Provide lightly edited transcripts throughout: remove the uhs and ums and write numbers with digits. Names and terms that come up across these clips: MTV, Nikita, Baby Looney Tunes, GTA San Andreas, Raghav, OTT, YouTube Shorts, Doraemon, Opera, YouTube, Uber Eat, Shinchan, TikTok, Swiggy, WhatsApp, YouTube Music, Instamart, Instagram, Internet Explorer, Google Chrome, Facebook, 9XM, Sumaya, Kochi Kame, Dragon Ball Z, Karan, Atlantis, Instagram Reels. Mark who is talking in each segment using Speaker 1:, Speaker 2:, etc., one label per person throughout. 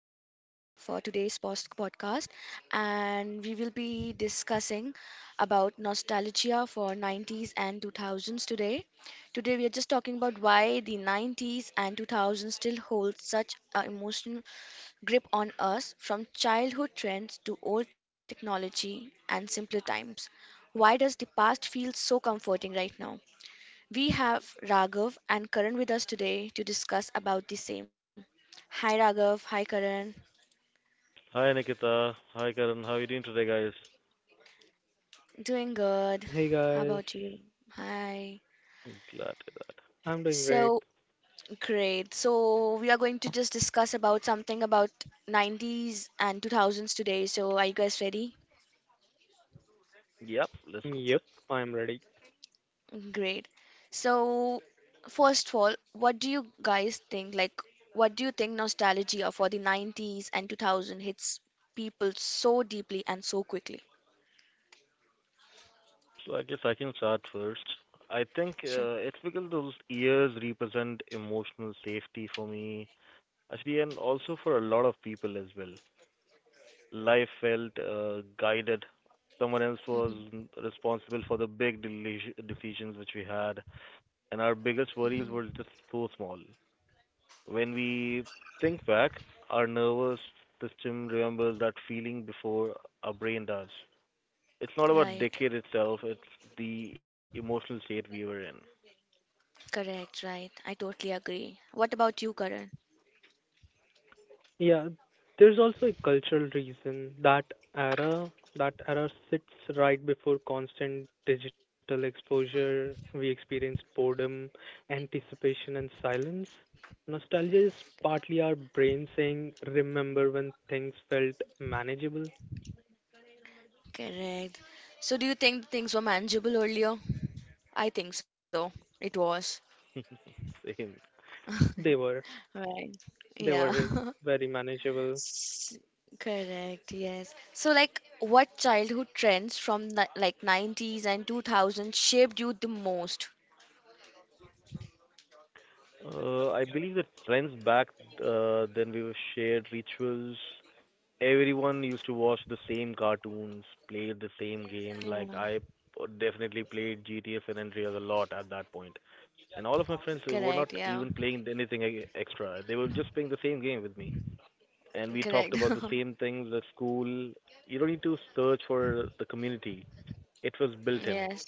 Speaker 1: Nikita for today's post podcast and we will be discussing about nostalgia for 90s and 2000s today. Today we are just talking about why the 90s and 2000s still hold such an emotional grip on us from childhood trends to old technology and simpler times. Why does the past feel so comforting right now? We have Raghav and Karan with us today to discuss about the same. Hi Raghav, hi Karan.
Speaker 2: Hi Nikita. Hi Karan. How are you doing today, guys?
Speaker 1: Doing good.
Speaker 3: Hey
Speaker 1: How
Speaker 3: guys,
Speaker 1: about you? Hi.
Speaker 2: Glad to hear that.
Speaker 3: I'm doing great.
Speaker 1: So great. So we are going to just discuss about something about 90s and 2000s today. So are you guys ready?
Speaker 2: Yep, let's go back.
Speaker 3: Yep, I'm ready.
Speaker 1: Great. So first of all, what do you guys think? What do you think nostalgia for the 90s and 2000 hits people so deeply and so quickly?
Speaker 2: So I guess I can start first. I think
Speaker 1: Sure.
Speaker 2: it's because those years represent emotional safety for me, actually, and also for a lot of people as well. Life felt guided. Someone else was
Speaker 1: Mm-hmm.
Speaker 2: responsible for the big decisions which we had, and our biggest
Speaker 1: Mhm.
Speaker 2: worries were just so small. When we think back, our nervous system remembers that feeling before our brain does. It's not about
Speaker 1: Right.
Speaker 2: decade itself, it's the emotional state we were in.
Speaker 1: Correct. Right. I totally agree. What about you, Karan?
Speaker 3: Yeah, there's also a cultural reason era that era sits right before constant digital exposure. We experienced boredom, anticipation, and silence. Nostalgia is partly our brain saying, "Remember when things felt manageable?
Speaker 1: Correct. So, do you think things were manageable earlier? I think so. It was.
Speaker 2: Same.
Speaker 3: They were.
Speaker 1: Right.
Speaker 3: They
Speaker 1: Yeah.
Speaker 3: were very manageable."
Speaker 1: S- Correct. Yes. So, like, what childhood trends from 90s and 2000s shaped you the most?
Speaker 2: I believe the trends back then we were shared rituals, everyone used to watch the same cartoons, play the same
Speaker 1: Yeah.
Speaker 2: game. Like I definitely played GTA San Andreas a lot at that point. And all of my friends
Speaker 1: Correct.
Speaker 2: were not
Speaker 1: Yeah.
Speaker 2: even playing anything extra. They were just playing the same game with me. And we talked
Speaker 1: Correct.
Speaker 2: about the same things at school. You don't need to search for the community. It was built in.
Speaker 1: Yes.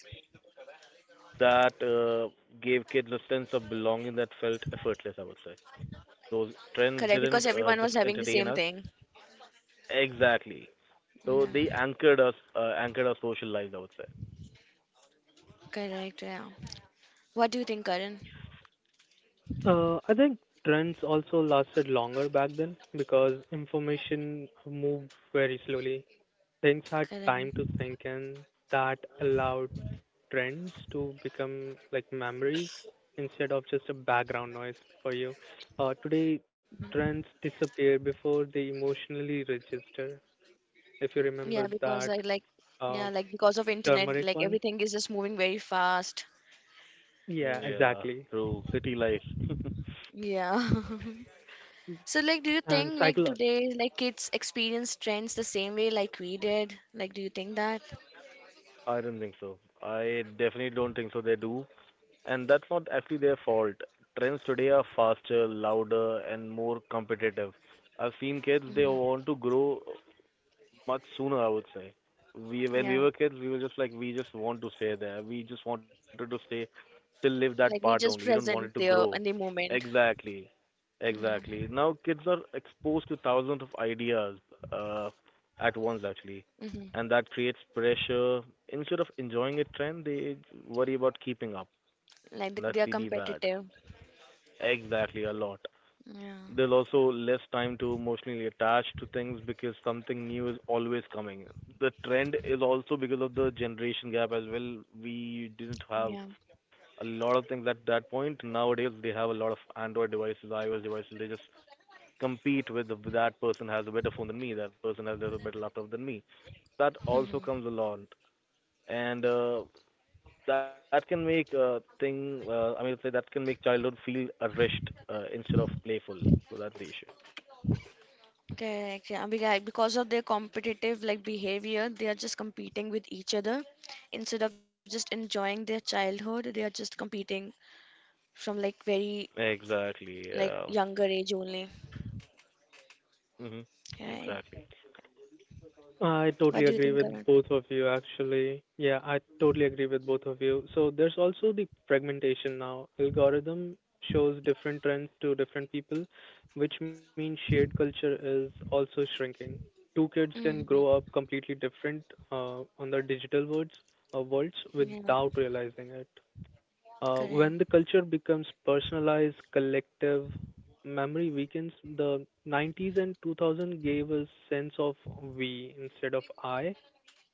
Speaker 2: That gave kids a sense of belonging that felt effortless, I would say. Those
Speaker 1: Correct.
Speaker 2: trends
Speaker 1: Because
Speaker 2: didn't
Speaker 1: everyone was
Speaker 2: just
Speaker 1: having the
Speaker 2: entertain
Speaker 1: same
Speaker 2: us.
Speaker 1: thing.
Speaker 2: Exactly. So they
Speaker 1: Yeah.
Speaker 2: anchored us, anchored our social lives, I would say.
Speaker 1: Correct. Yeah. What do you think, Karan?
Speaker 3: I think trends also lasted longer back then because information moved very slowly. Things had
Speaker 1: Karan.
Speaker 3: time to sink in that allowed trends to become like memories instead of just a background noise for you. Today, trends disappear before they emotionally register. If you
Speaker 1: Yeah,
Speaker 3: remember
Speaker 1: because I
Speaker 3: that
Speaker 1: like, yeah,
Speaker 3: uh,
Speaker 1: like because of internet,
Speaker 3: turmeric
Speaker 1: like
Speaker 3: one,
Speaker 1: everything is just moving very fast.
Speaker 3: yeah,
Speaker 2: Yeah,
Speaker 3: exactly.
Speaker 2: through city life.
Speaker 1: Yeah. So, like, do you
Speaker 3: And
Speaker 1: think like
Speaker 3: psycholo
Speaker 1: today, like kids experience trends the same way like we did? Like, do you think that?
Speaker 2: I don't think so. I definitely don't think so. They do, and that's not actually their fault. Trends today are faster, louder, and more competitive. I've seen kids they
Speaker 1: Hmm.
Speaker 2: want to grow much sooner, I would say. We when we
Speaker 1: Yeah.
Speaker 2: were kids, we were just like we just want to stay there. We just wanted to stay to live that
Speaker 1: Like we
Speaker 2: part
Speaker 1: just
Speaker 2: only. We don't want
Speaker 1: present
Speaker 2: it to
Speaker 1: there in
Speaker 2: grow.
Speaker 1: the moment.
Speaker 2: Exactly.
Speaker 1: Yeah.
Speaker 2: Exactly. Now kids are exposed to thousands of ideas uh, at once actually,
Speaker 1: Hmm.
Speaker 2: and that creates pressure. Instead of enjoying a trend, they worry about keeping up,
Speaker 1: Like they
Speaker 2: and that's
Speaker 1: they are
Speaker 2: really bad.
Speaker 1: competitive.
Speaker 2: Exactly, a lot.
Speaker 1: Yeah.
Speaker 2: There's also less time to emotionally attach to things because something new is always coming. The trend is also because of the generation gap as well. We didn't
Speaker 1: Yeah.
Speaker 2: have a lot of things at that point. Nowadays, they have a lot of Android devices, iOS devices. They just compete with that person has a better phone than me, that person has a better laptop than me. That also
Speaker 1: Hmm.
Speaker 2: comes along, and that can make thing. I mean, to say that can make childhood feel a rushed instead of playful. So that's the issue.
Speaker 1: Correct. Yeah. Because of their competitive like behavior, they are just competing with each other instead of just enjoying their childhood. They are just competing from like very
Speaker 2: Exactly.
Speaker 1: like
Speaker 2: Yeah.
Speaker 1: younger age only.
Speaker 2: Hmm.
Speaker 1: Right.
Speaker 2: Exactly.
Speaker 3: I
Speaker 1: What
Speaker 3: totally
Speaker 1: do you
Speaker 3: agree
Speaker 1: think,
Speaker 3: with
Speaker 1: Karan?
Speaker 3: both of you, actually. Yeah, I totally agree with both of you. So there's also the fragmentation now. Algorithm shows different trends to different people, which means shared culture is also shrinking. Two kids can grow up
Speaker 1: Mm-hmm.
Speaker 3: completely different on their digital worlds, worlds
Speaker 1: Yeah.
Speaker 3: without realizing it. When the
Speaker 1: Correct.
Speaker 3: culture becomes personalized, collective, memory weakens. The 90s and 2000 gave a sense of we instead of I,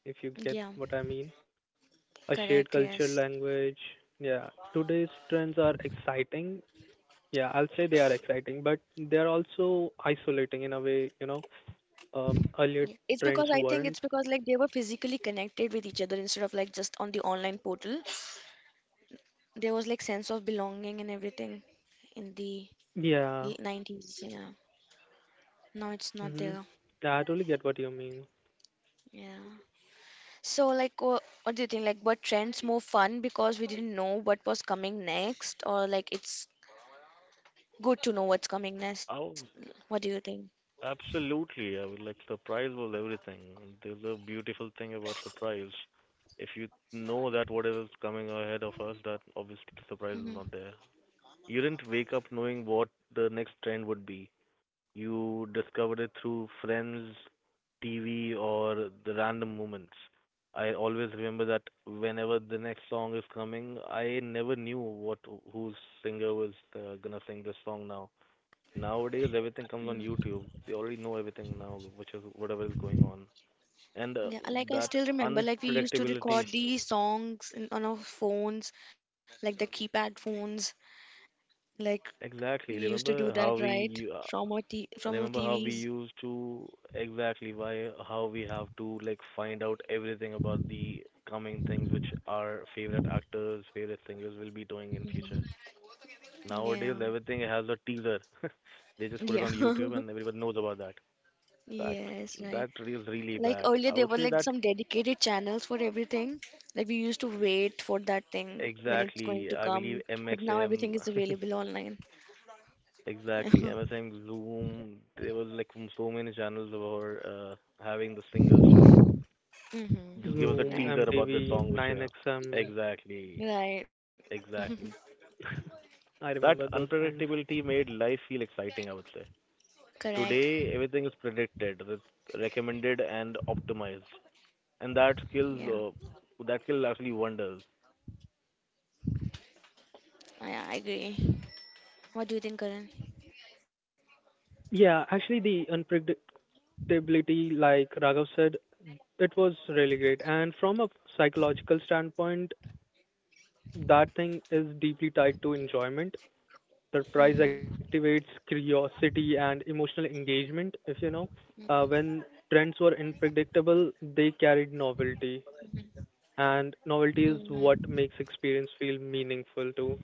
Speaker 3: if you get
Speaker 1: Yeah.
Speaker 3: what I mean. A
Speaker 1: Correct.
Speaker 3: shared culture
Speaker 1: Yes.
Speaker 3: language. Yeah, today's trends are exciting. Yeah, I'll say they are exciting, but they're also isolating in a way, earlier
Speaker 1: Yeah. It's
Speaker 3: trends
Speaker 1: because I think
Speaker 3: weren't.
Speaker 1: it's because like they were physically connected with each other instead of like just on the online portal. There was like sense of belonging and everything in the
Speaker 3: Yeah.
Speaker 1: 90s. Yeah. No, it's
Speaker 3: Mm-hmm.
Speaker 1: not there.
Speaker 3: Yeah, I totally get what you mean.
Speaker 1: Yeah. So, like, what do you think? Like, what trends more fun because we didn't know what was coming next, or like it's good to know what's coming next?
Speaker 2: Oh,
Speaker 1: What do you think?
Speaker 2: absolutely. I mean, like surprise was everything. There's a beautiful thing about surprise. If you know that whatever's coming ahead of us, that obviously the surprise is
Speaker 1: Hmm.
Speaker 2: not there. You didn't wake up knowing what the next trend would be. You discovered it through friends, TV, or the random moments. I always remember that whenever the next song is coming, I never knew what whose singer was gonna sing this song now. Nowadays, everything comes on YouTube. They already know everything now, which is whatever is going on. And
Speaker 1: Yeah, like I
Speaker 2: That
Speaker 1: still remember, like we used to
Speaker 2: unpredictability,
Speaker 1: record these songs on our phones, like the keypad phones. Like we
Speaker 2: exactly.
Speaker 1: used to do that, right? From our
Speaker 2: Remember how we
Speaker 1: TVs.
Speaker 2: used to exactly why how we have to like find out everything about the coming things which our favorite actors, favorite singers will be doing in
Speaker 1: Mhm.
Speaker 2: future. Nowadays,
Speaker 1: Yeah.
Speaker 2: everything has a teaser. They just put
Speaker 1: Yeah.
Speaker 2: it on YouTube and everyone knows about that. That
Speaker 1: Yes, right.
Speaker 2: that is really
Speaker 1: Like
Speaker 2: bad.
Speaker 1: earlier,
Speaker 2: I
Speaker 1: there were
Speaker 2: would say
Speaker 1: like
Speaker 2: that
Speaker 1: some dedicated channels for everything. Like we used to wait for that thing when it's going
Speaker 2: exactly.
Speaker 1: to
Speaker 2: I believe
Speaker 1: come. But now
Speaker 2: MXM,
Speaker 1: everything is available online.
Speaker 2: exactly MSM Zoom. There was like so many channels were having the singers to just give us a
Speaker 1: Mm-hmm.
Speaker 3: Zoom,
Speaker 2: teaser
Speaker 1: Right.
Speaker 2: about the
Speaker 3: MTV,
Speaker 2: song which you have.
Speaker 3: 9XM.
Speaker 2: Exactly.
Speaker 1: Right.
Speaker 2: Exactly.
Speaker 3: I
Speaker 2: That
Speaker 3: remember those times.
Speaker 2: unpredictability made life feel exciting, I would say.
Speaker 1: Correct.
Speaker 2: Today, everything is predicted, recommended, and optimized. And
Speaker 1: Yeah.
Speaker 2: that skill actually wonders.
Speaker 1: I agree. What do you think, Karan?
Speaker 3: Yeah, actually, the unpredictability, like Raghav said, it was really great. And from a psychological standpoint, that thing is deeply tied to enjoyment. Surprise activates
Speaker 1: Mm-hmm.
Speaker 3: curiosity and emotional engagement, if you know. When trends were unpredictable, they carried novelty. And novelty is what
Speaker 1: Mm-hmm.
Speaker 3: makes experience feel meaningful too.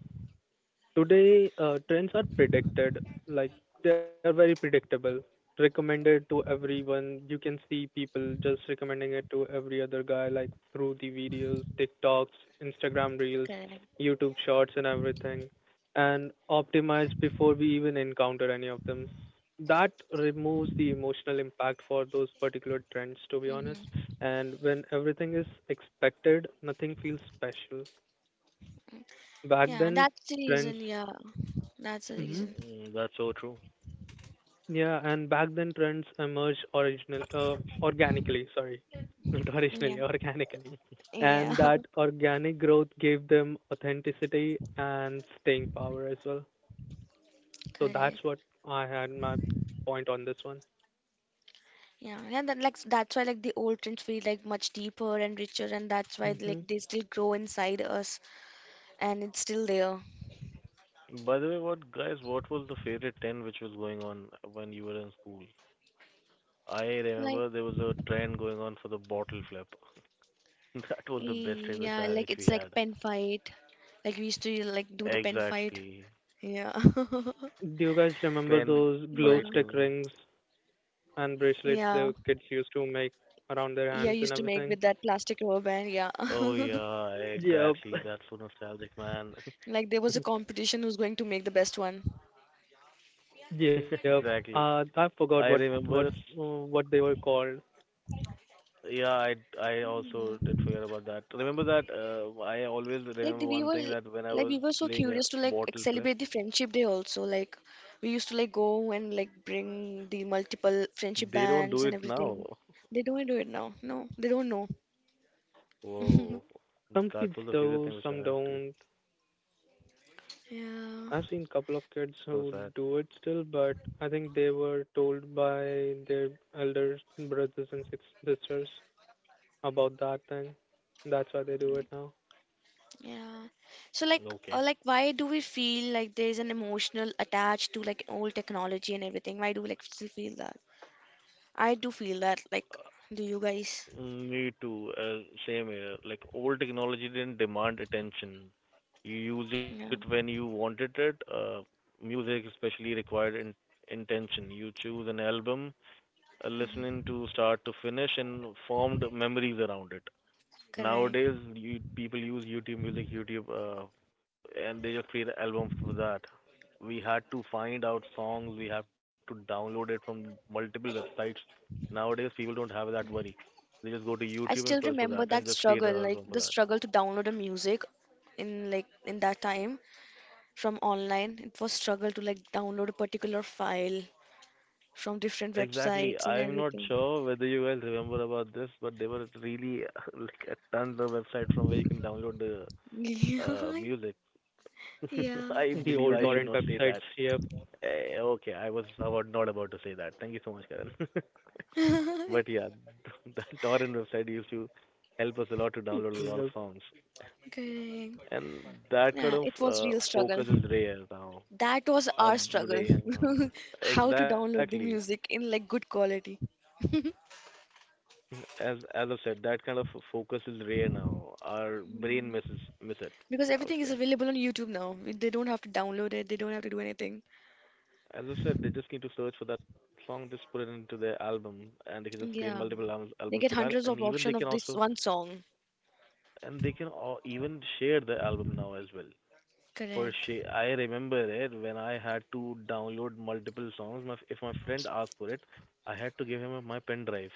Speaker 3: Today, trends are predicted, like they are very predictable, recommended to everyone. You can see people just recommending it to every other guy, like through the videos, TikToks, Instagram Reels,
Speaker 1: Correct.
Speaker 3: YouTube Shorts, and everything, and optimized before we even encounter any of them. That removes the emotional impact for those particular trends, to be honest.
Speaker 1: Mm-hmm.
Speaker 3: And when everything is expected, nothing feels special. Back
Speaker 1: Yeah,
Speaker 3: then,
Speaker 1: that's the
Speaker 3: trends.
Speaker 1: reason. Yeah, that's the
Speaker 3: Mm-hmm.
Speaker 1: reason.
Speaker 2: That's so true.
Speaker 3: Yeah, and back then trends emerged original organically, sorry. Not
Speaker 1: Yeah.
Speaker 3: originally, organically.
Speaker 1: Yeah.
Speaker 3: And that organic growth gave them authenticity and staying power as well. So that's
Speaker 1: Correct.
Speaker 3: what I had my point on this one.
Speaker 1: Yeah, yeah, that like that's why like the old trends feel like much deeper and richer, and that's why
Speaker 3: Hmm.
Speaker 1: like they still grow inside us, and it's still there.
Speaker 2: By the way, what guys, what was the favorite trend which was going on when you were in school? I
Speaker 1: Like
Speaker 2: remember there was a trend going on for the bottle flip. That was the best trend which
Speaker 1: yeah,
Speaker 2: I
Speaker 1: like
Speaker 2: which we
Speaker 1: it's like
Speaker 2: had.
Speaker 1: pen fight. Like we used to like do the pen fight.
Speaker 2: Exactly.
Speaker 1: Yeah,
Speaker 3: Do you guys remember
Speaker 2: Pen
Speaker 3: those
Speaker 1: yeah,
Speaker 3: glow
Speaker 2: fighting.
Speaker 3: stick rings and bracelets
Speaker 1: yeah,
Speaker 3: the kids used to make around their
Speaker 1: yeah. I
Speaker 3: hands and
Speaker 1: used to make
Speaker 3: everything?
Speaker 1: with that plastic rubber band. Yeah,
Speaker 2: Oh yeah,
Speaker 3: Yep.
Speaker 2: exactly. That's so nostalgic, man.
Speaker 1: like there was a competition who's going to make the best one.
Speaker 3: Yep.
Speaker 2: Exactly.
Speaker 3: I forgot
Speaker 2: I
Speaker 3: what what
Speaker 2: remember.
Speaker 3: uh, what they were called.
Speaker 2: Yeah, I I also did forget about that. Remember that I always
Speaker 1: Like
Speaker 2: remember
Speaker 1: we
Speaker 2: one
Speaker 1: were
Speaker 2: thing that when I
Speaker 1: like
Speaker 2: was
Speaker 1: we were so
Speaker 2: playing a
Speaker 1: curious to like
Speaker 2: bottle flip,
Speaker 1: celebrate the friendship day also like we used to like go and like bring the multiple friendship
Speaker 2: they don't do
Speaker 1: bands and
Speaker 2: it now.
Speaker 1: everything they don't do it now no they don't know.
Speaker 2: Whoa,
Speaker 3: Some
Speaker 2: that
Speaker 3: kids
Speaker 2: was the favorite thing
Speaker 3: do,
Speaker 2: which I
Speaker 3: some
Speaker 2: had to.
Speaker 3: don't.
Speaker 1: Yeah,
Speaker 3: I've seen couple of kids
Speaker 2: So
Speaker 3: who
Speaker 2: sad.
Speaker 3: do it still, but I think they were told by their elder brothers and sisters about that thing. That's why they do it now.
Speaker 1: yeah. So
Speaker 2: Okay.
Speaker 1: like, why do we feel like there is an emotional attached to like old technology and everything? Why do we like still feel that? I do feel that. Like, do you guys?
Speaker 2: Me too. Same here. Like old technology didn't demand attention. You use it when
Speaker 1: Yeah,
Speaker 2: you wanted it. Music especially required intention. You choose an album, listening to start to finish, and formed memories around it.
Speaker 1: correct.
Speaker 2: Nowadays, you people use YouTube Music, YouTube, and they just create albums for that. We had to find out songs, we have to download it from multiple websites. Nowadays, people don't have that worry. They just go to
Speaker 1: I still
Speaker 2: YouTube and search for
Speaker 1: remember
Speaker 2: that
Speaker 1: that
Speaker 2: and just create
Speaker 1: struggle,
Speaker 2: an
Speaker 1: like
Speaker 2: album for
Speaker 1: the
Speaker 2: that.
Speaker 1: struggle to download a music in that time from online. It was struggle to like download a particular file from different
Speaker 2: Exactly.
Speaker 1: websites and
Speaker 2: I'm not
Speaker 1: everything.
Speaker 2: sure whether you guys remember about this, but there were really like a tons of websites from where you can download the music.
Speaker 1: Yeah,
Speaker 3: The
Speaker 2: I
Speaker 3: old
Speaker 2: believe I
Speaker 3: torrent
Speaker 1: they
Speaker 2: should
Speaker 1: were.
Speaker 2: not
Speaker 3: websites,
Speaker 2: say that.
Speaker 3: yep,
Speaker 2: Okay, I was about not about to say that. Thank you so much, Karan. But yeah, the torrent website used to help us a lot to download a lot of
Speaker 3: yep.
Speaker 2: songs,
Speaker 1: Correct.
Speaker 2: and that kind
Speaker 1: Yeah,
Speaker 2: of
Speaker 1: it was real struggle.
Speaker 2: focus is rare now.
Speaker 1: That was
Speaker 2: Uh,
Speaker 1: our struggle.
Speaker 2: rare, no, no, no.
Speaker 1: How to
Speaker 2: Exactly.
Speaker 1: download the music in like good quality.
Speaker 2: As I said, that kind of focus is rare now. Our brain misses miss it.
Speaker 1: Because
Speaker 2: I would
Speaker 1: everything is
Speaker 2: say.
Speaker 1: available on YouTube now. They don't have to download it, they don't have to do anything.
Speaker 2: As I said, they just need to search for that song, just put it into their album, and they can just create
Speaker 1: Yeah.
Speaker 2: multiple albums, albums
Speaker 1: They
Speaker 2: for
Speaker 1: get
Speaker 2: that.
Speaker 1: hundreds
Speaker 2: And
Speaker 1: of
Speaker 2: even they
Speaker 1: option
Speaker 2: can
Speaker 1: of this
Speaker 2: also,
Speaker 1: one song.
Speaker 2: and they can all, even share the album now as well. For
Speaker 1: Correct.
Speaker 2: sure, I remember it when I had to download multiple songs. My, if my friend asked for it, I had to give him a, my pen drive,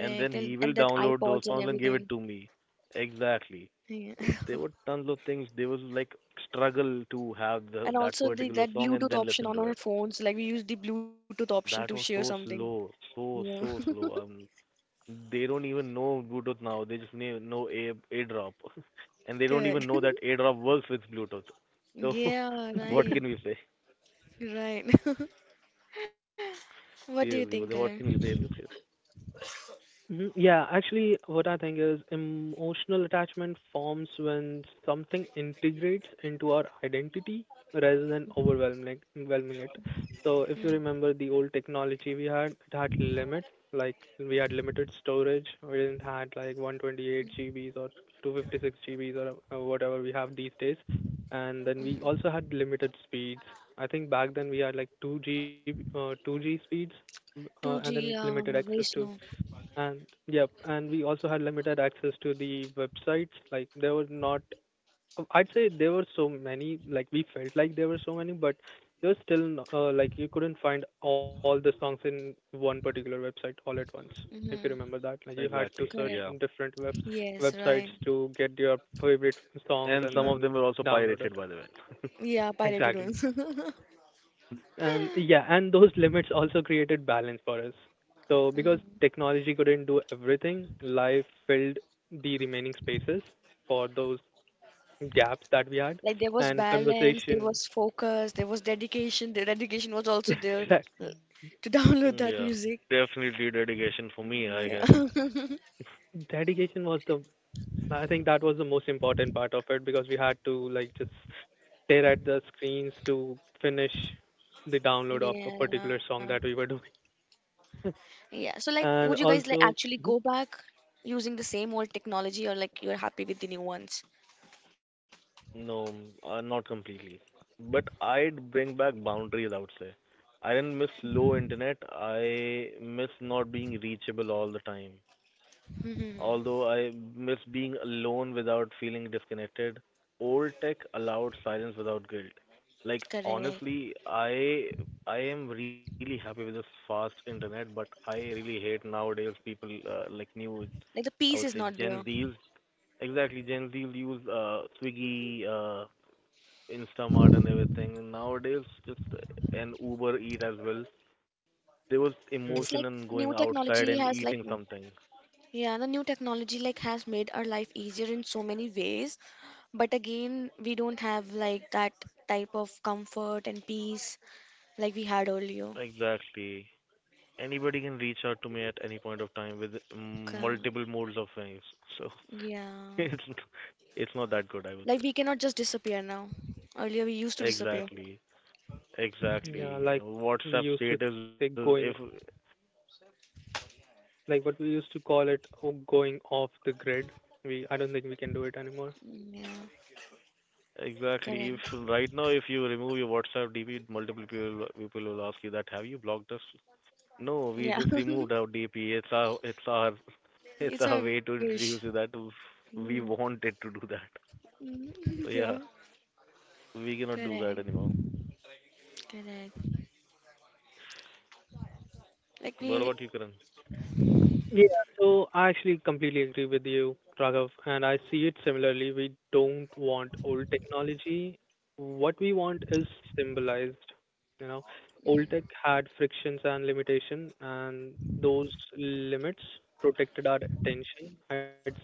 Speaker 2: and then
Speaker 1: And-
Speaker 2: he will
Speaker 1: And that
Speaker 2: download those
Speaker 1: iPods and
Speaker 2: songs and give it
Speaker 1: everything.
Speaker 2: to me. Exactly.
Speaker 1: Yeah.
Speaker 2: So there were tons of things. There was like struggle to have the,
Speaker 1: And
Speaker 2: that
Speaker 1: also the
Speaker 2: particular
Speaker 1: that
Speaker 2: song and
Speaker 1: Bluetooth
Speaker 2: then
Speaker 1: option
Speaker 2: listen
Speaker 1: on
Speaker 2: to
Speaker 1: our
Speaker 2: it.
Speaker 1: phones, like we use the Bluetooth option to share
Speaker 2: That was so
Speaker 1: something.
Speaker 2: slow,
Speaker 1: Yeah.
Speaker 2: so so slow. They don't even know Bluetooth now. They just know A AirDrop, and they don't even
Speaker 1: Correct.
Speaker 2: know that AirDrop works with Bluetooth. So
Speaker 1: Yeah,
Speaker 2: what
Speaker 1: right.
Speaker 2: can we say?
Speaker 1: Right. What do you think,
Speaker 2: Seriously, but
Speaker 1: Karan?
Speaker 2: they what can you say.
Speaker 3: Mhm. Yeah, actually, what I think is emotional attachment forms when something integrates into our identity rather than overwhelming it. So, if you remember the old technology we had, it had limits. Like we had limited storage. We didn't had like 128 GBs or 256 GBs or whatever we have these days. And then
Speaker 1: Mm-hmm.
Speaker 3: we also had limited speeds. I think back then we had like 2G speeds, and then
Speaker 1: 2G,
Speaker 3: limited access
Speaker 1: very
Speaker 3: to
Speaker 1: slow.
Speaker 3: and yep, and we also had limited access to the websites. Like there were not, I'd say there were so many. Like we felt like there were so many, but there was still like you couldn't find all the songs in one particular website all at once. If you
Speaker 1: Mm-hmm.
Speaker 3: remember that, like you had to
Speaker 2: Exactly.
Speaker 3: search
Speaker 1: Correct.
Speaker 2: Yeah.
Speaker 3: different
Speaker 1: Yes,
Speaker 3: websites
Speaker 1: right.
Speaker 3: to get your favorite songs
Speaker 2: And
Speaker 3: and
Speaker 2: some of
Speaker 3: then
Speaker 2: them were also
Speaker 3: download it.
Speaker 2: pirated, by the way.
Speaker 1: Yeah, pirated
Speaker 3: Exactly,
Speaker 1: ones.
Speaker 3: and yeah, and those limits also created balance for us, so because
Speaker 1: Hmm.
Speaker 3: technology couldn't do everything, life filled the remaining spaces for those gaps that we had
Speaker 1: Like there was
Speaker 3: and
Speaker 1: balance, there
Speaker 3: conversation.
Speaker 1: was focus, there was dedication. The dedication was also there uh,
Speaker 3: Exactly,
Speaker 1: to download that
Speaker 2: Yeah.
Speaker 1: music.
Speaker 2: Definitely dedication for me, I
Speaker 1: Yeah.
Speaker 2: guess.
Speaker 3: dedication was the, I think that was the most important part of it, because we had to like just stare at the screens to finish the download of a particular
Speaker 1: Yeah.
Speaker 3: song that we were doing.
Speaker 1: Yeah. So like would you
Speaker 3: And
Speaker 1: guys like actually
Speaker 3: also,
Speaker 1: go
Speaker 3: mhm.
Speaker 1: back using the same old technology or like you're happy with the new ones?
Speaker 2: No, not completely. But I'd bring back boundaries, I would say. I didn't miss low internet. I miss not being reachable all the time.
Speaker 1: Hmm.
Speaker 2: Although I miss being alone without feeling disconnected. Old tech allowed silence without guilt. Like
Speaker 1: Correct.
Speaker 2: honestly, I I am really happy with this fast internet, but I really hate nowadays people like new
Speaker 1: Like the
Speaker 2: I
Speaker 1: peace
Speaker 2: would
Speaker 1: is
Speaker 2: say
Speaker 1: not
Speaker 2: Gen
Speaker 1: there.
Speaker 2: Zs. Exactly, Gen Zs use Swiggy, Instamart, and everything. And nowadays, just an Uber Eat as well. There was
Speaker 1: It's like
Speaker 3: mm,
Speaker 2: emotion
Speaker 1: new
Speaker 2: in going
Speaker 1: technology
Speaker 2: outside
Speaker 1: has
Speaker 2: and
Speaker 1: like m-
Speaker 2: eating something.
Speaker 1: Yeah, the new technology like has made our life easier in so many ways, but again, we don't have like that type of comfort and peace like we had earlier.
Speaker 2: Exactly. Anybody can reach out to me at any point of time with
Speaker 1: Ca-
Speaker 2: multiple modes of things. So
Speaker 1: Yeah,
Speaker 2: it's it's not that good, I would
Speaker 1: like
Speaker 2: say.
Speaker 1: we cannot just disappear now. Earlier we used to disappear.
Speaker 2: Exactly,
Speaker 1: Yeah,
Speaker 3: yeah
Speaker 2: exactly.
Speaker 3: like we
Speaker 2: WhatsApp
Speaker 3: used to
Speaker 2: status
Speaker 3: say
Speaker 2: is if
Speaker 3: going, like what we used to call it going off the grid. We, I don't think we can do it anymore.
Speaker 1: Mm, yeah,
Speaker 2: exactly if
Speaker 1: correct.
Speaker 2: right now if you remove your WhatsApp DP, multiple people will ask you that have you blocked us? No, we
Speaker 1: Yeah,
Speaker 2: just removed our DP. It's our, it's
Speaker 1: it's
Speaker 2: our
Speaker 1: our
Speaker 2: way to
Speaker 1: wish.
Speaker 2: introduce you that
Speaker 1: Mm.
Speaker 2: we wanted to do that.
Speaker 1: Mm,
Speaker 2: So
Speaker 1: Yeah,
Speaker 2: yeah, we cannot do that
Speaker 1: correct,
Speaker 2: anymore.
Speaker 1: correct.
Speaker 2: What
Speaker 1: Like
Speaker 2: about you,
Speaker 1: we,
Speaker 2: Karan?
Speaker 3: Yeah, so I actually completely agree with you, Raghav, and I see it similarly. We don't want old technology. What we want is symbolized. You know, old tech had frictions and limitation, and those limits protected our attention, I'd say.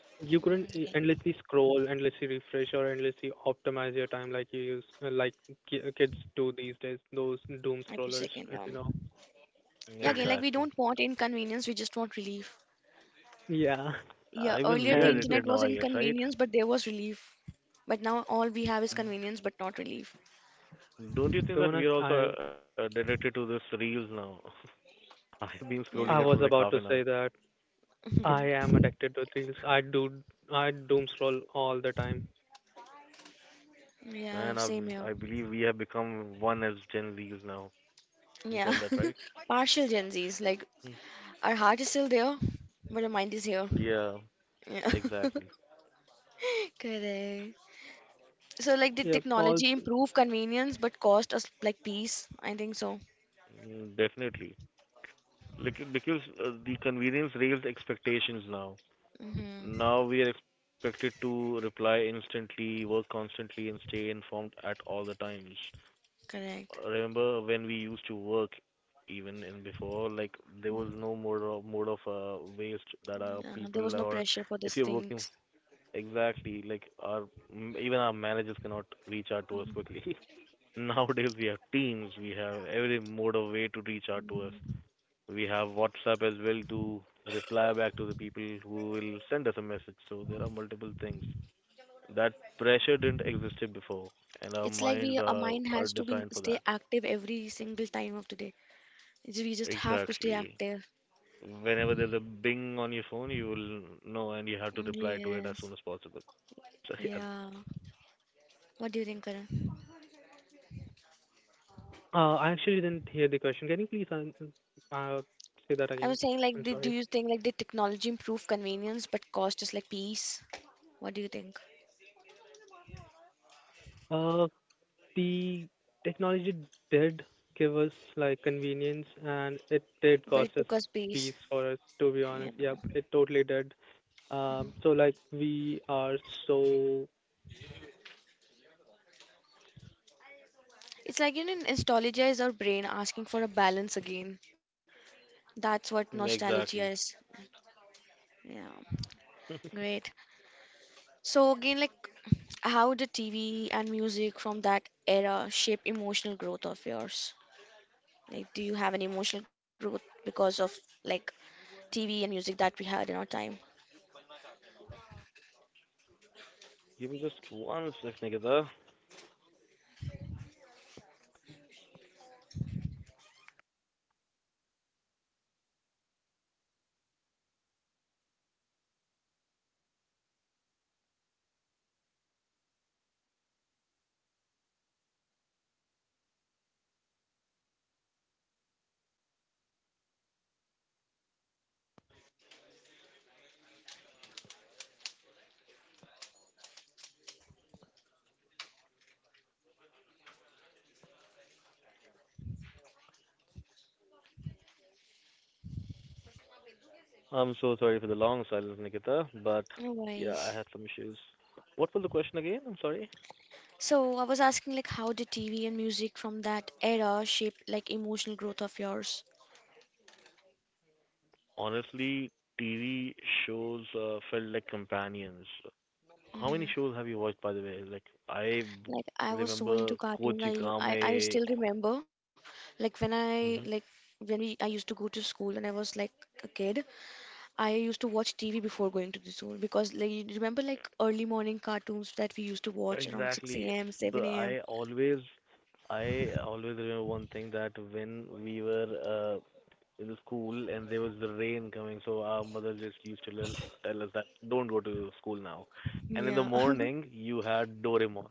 Speaker 3: You couldn't
Speaker 1: Mm, yeah.
Speaker 3: endlessly scroll, endlessly refresh, or endlessly optimize your time like you use, like kids do these days. Those
Speaker 1: Every
Speaker 3: doom
Speaker 1: second,
Speaker 3: scrollers,
Speaker 1: yeah.
Speaker 3: if you know.
Speaker 1: Yeah, again, like we don't
Speaker 2: Exactly.
Speaker 1: want inconvenience, we just want relief.
Speaker 3: Yeah,
Speaker 1: Yeah,
Speaker 2: Even
Speaker 1: earlier
Speaker 2: we are
Speaker 1: the
Speaker 3: and the,
Speaker 1: internet
Speaker 2: addicted now,
Speaker 1: was
Speaker 2: I guess, right?
Speaker 1: inconvenience, but there was relief. But now all we have is convenience, but not relief.
Speaker 2: Don't you think
Speaker 3: to be
Speaker 2: that we
Speaker 3: honest,
Speaker 2: are also addicted to this reels now? I've been
Speaker 1: Yeah.
Speaker 2: scrolling it
Speaker 3: I
Speaker 2: for
Speaker 3: was
Speaker 2: like half
Speaker 3: about
Speaker 2: an
Speaker 3: to
Speaker 2: hour.
Speaker 3: say that I am
Speaker 1: Mhm.
Speaker 3: addicted to reels. I doom scroll all the time.
Speaker 1: Yeah,
Speaker 2: Man, I
Speaker 1: same here.
Speaker 2: I believe we have become one as Gen Zs now. You
Speaker 1: Yeah.
Speaker 2: call that right?
Speaker 1: Partial Gen Zs, like
Speaker 2: Hmm.
Speaker 1: our heart is still there, but our mind is here.
Speaker 2: Yeah,
Speaker 1: Yeah.
Speaker 2: exactly.
Speaker 1: Correct. So, like, did
Speaker 3: Yep.
Speaker 1: technology
Speaker 3: Also,
Speaker 1: improve convenience but cost us like peace? I think so.
Speaker 2: Definitely. Because the convenience rails expectations now.
Speaker 1: Mm-hmm.
Speaker 2: Now we are expected to reply instantly, work constantly, and stay informed at all the times.
Speaker 1: Correct.
Speaker 2: Remember when we used to work even in before like there was no mode of waste that our
Speaker 1: Yeah, there
Speaker 2: people
Speaker 1: was no
Speaker 2: or
Speaker 1: pressure for
Speaker 2: if
Speaker 1: these
Speaker 2: you're working
Speaker 1: things.
Speaker 2: exactly like our even our managers cannot reach out to us quickly. Nowadays we have teams, we have every mode of way to reach out to us, we have WhatsApp as well to reply back to the people who will send us a message, so there are multiple things that pressure didn't existed before, and our
Speaker 1: It's like
Speaker 2: minds
Speaker 1: we our
Speaker 2: are
Speaker 1: mind
Speaker 2: are
Speaker 1: has to be
Speaker 2: designed for
Speaker 1: stay
Speaker 2: that
Speaker 1: active every single time of the day. We just have to stay
Speaker 2: exactly.
Speaker 1: active.
Speaker 2: Whenever there's a bing on your phone, you will know and you have to reply to it as
Speaker 1: Yes.
Speaker 2: soon as possible. So yeah,
Speaker 1: Yeah. What do you think, Karan?
Speaker 3: I actually didn't hear the question. Can you please uh, say that
Speaker 1: I
Speaker 3: again?
Speaker 1: was saying like,
Speaker 3: I'm
Speaker 1: do
Speaker 3: sorry.
Speaker 1: you think like the technology improve convenience but cost us like peace? What do you think?
Speaker 3: Uh. The technology did give us like convenience and it did
Speaker 1: But it
Speaker 3: cost us
Speaker 1: took us peace.
Speaker 3: peace for us to be
Speaker 1: Yeah.
Speaker 3: honest. Yep, it totally did. So like we are so
Speaker 1: It's like you know, nostalgia is our brain asking for a balance again. That's what nostalgia
Speaker 2: exactly.
Speaker 1: is. Yeah.
Speaker 2: Give
Speaker 1: Great. So again, like how did TV and music from that era shape emotional growth of yours? Like, do you have any emotional growth because of like TV and music that we had in our time?
Speaker 2: me just one sec, Nikita. I'm so sorry for the long silence, Nikita, but
Speaker 1: No
Speaker 2: yeah, I
Speaker 1: worries.
Speaker 2: had some issues. What was the question again? I'm sorry.
Speaker 1: So I was asking like how did TV and music from that era shape like emotional growth of yours?
Speaker 2: Honestly, TV shows felt like companions. How many
Speaker 1: Hmm.
Speaker 2: shows have you watched, by the way? Like I b-
Speaker 1: Like I was so into
Speaker 2: remember
Speaker 1: cartoons. I,
Speaker 2: Kochi
Speaker 1: u- I
Speaker 2: Kame.
Speaker 1: still remember like when we I used to go to school when I was like a kid. I used to watch TV before going to the school because, like, you remember, like, early morning cartoons that we used to watch around 6
Speaker 2: Exactly.
Speaker 1: a.m.,
Speaker 2: The
Speaker 1: 7 a.m.
Speaker 2: I always remember one thing that when we were in the school and there was the rain coming, so our mother just used to tell us that don't go to school now. And in the
Speaker 1: Yeah,
Speaker 2: morning, you had Doraemon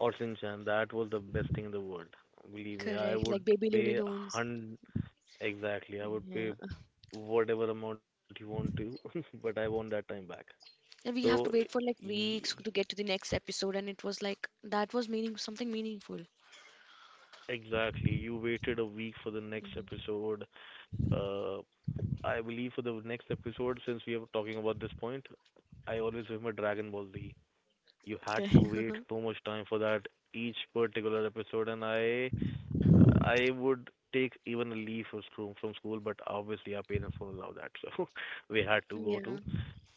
Speaker 2: or Shinchan. That was the best thing in the world. Believe me, I
Speaker 1: correct. Like
Speaker 2: would
Speaker 1: Baby Looney
Speaker 2: pay
Speaker 1: Tunes.
Speaker 2: hun exactly. I would pay
Speaker 1: Yeah.
Speaker 2: whatever amount you want to, but I want that time back.
Speaker 1: And we
Speaker 2: So,
Speaker 1: have to wait for like weeks to get to the next episode, and it was like that was meaning something meaningful.
Speaker 2: exactly. You waited a week for the next
Speaker 1: Mhm.
Speaker 2: episode. Uh, I believe for the next episode, since we are talking about this point, I always remember Dragon Ball Z. You had
Speaker 1: Okay.
Speaker 2: to wait so much time for that each particular episode, and I would take even a leave from school, but obviously our parents won't allow that, so we had to go
Speaker 1: Yeah,
Speaker 2: to.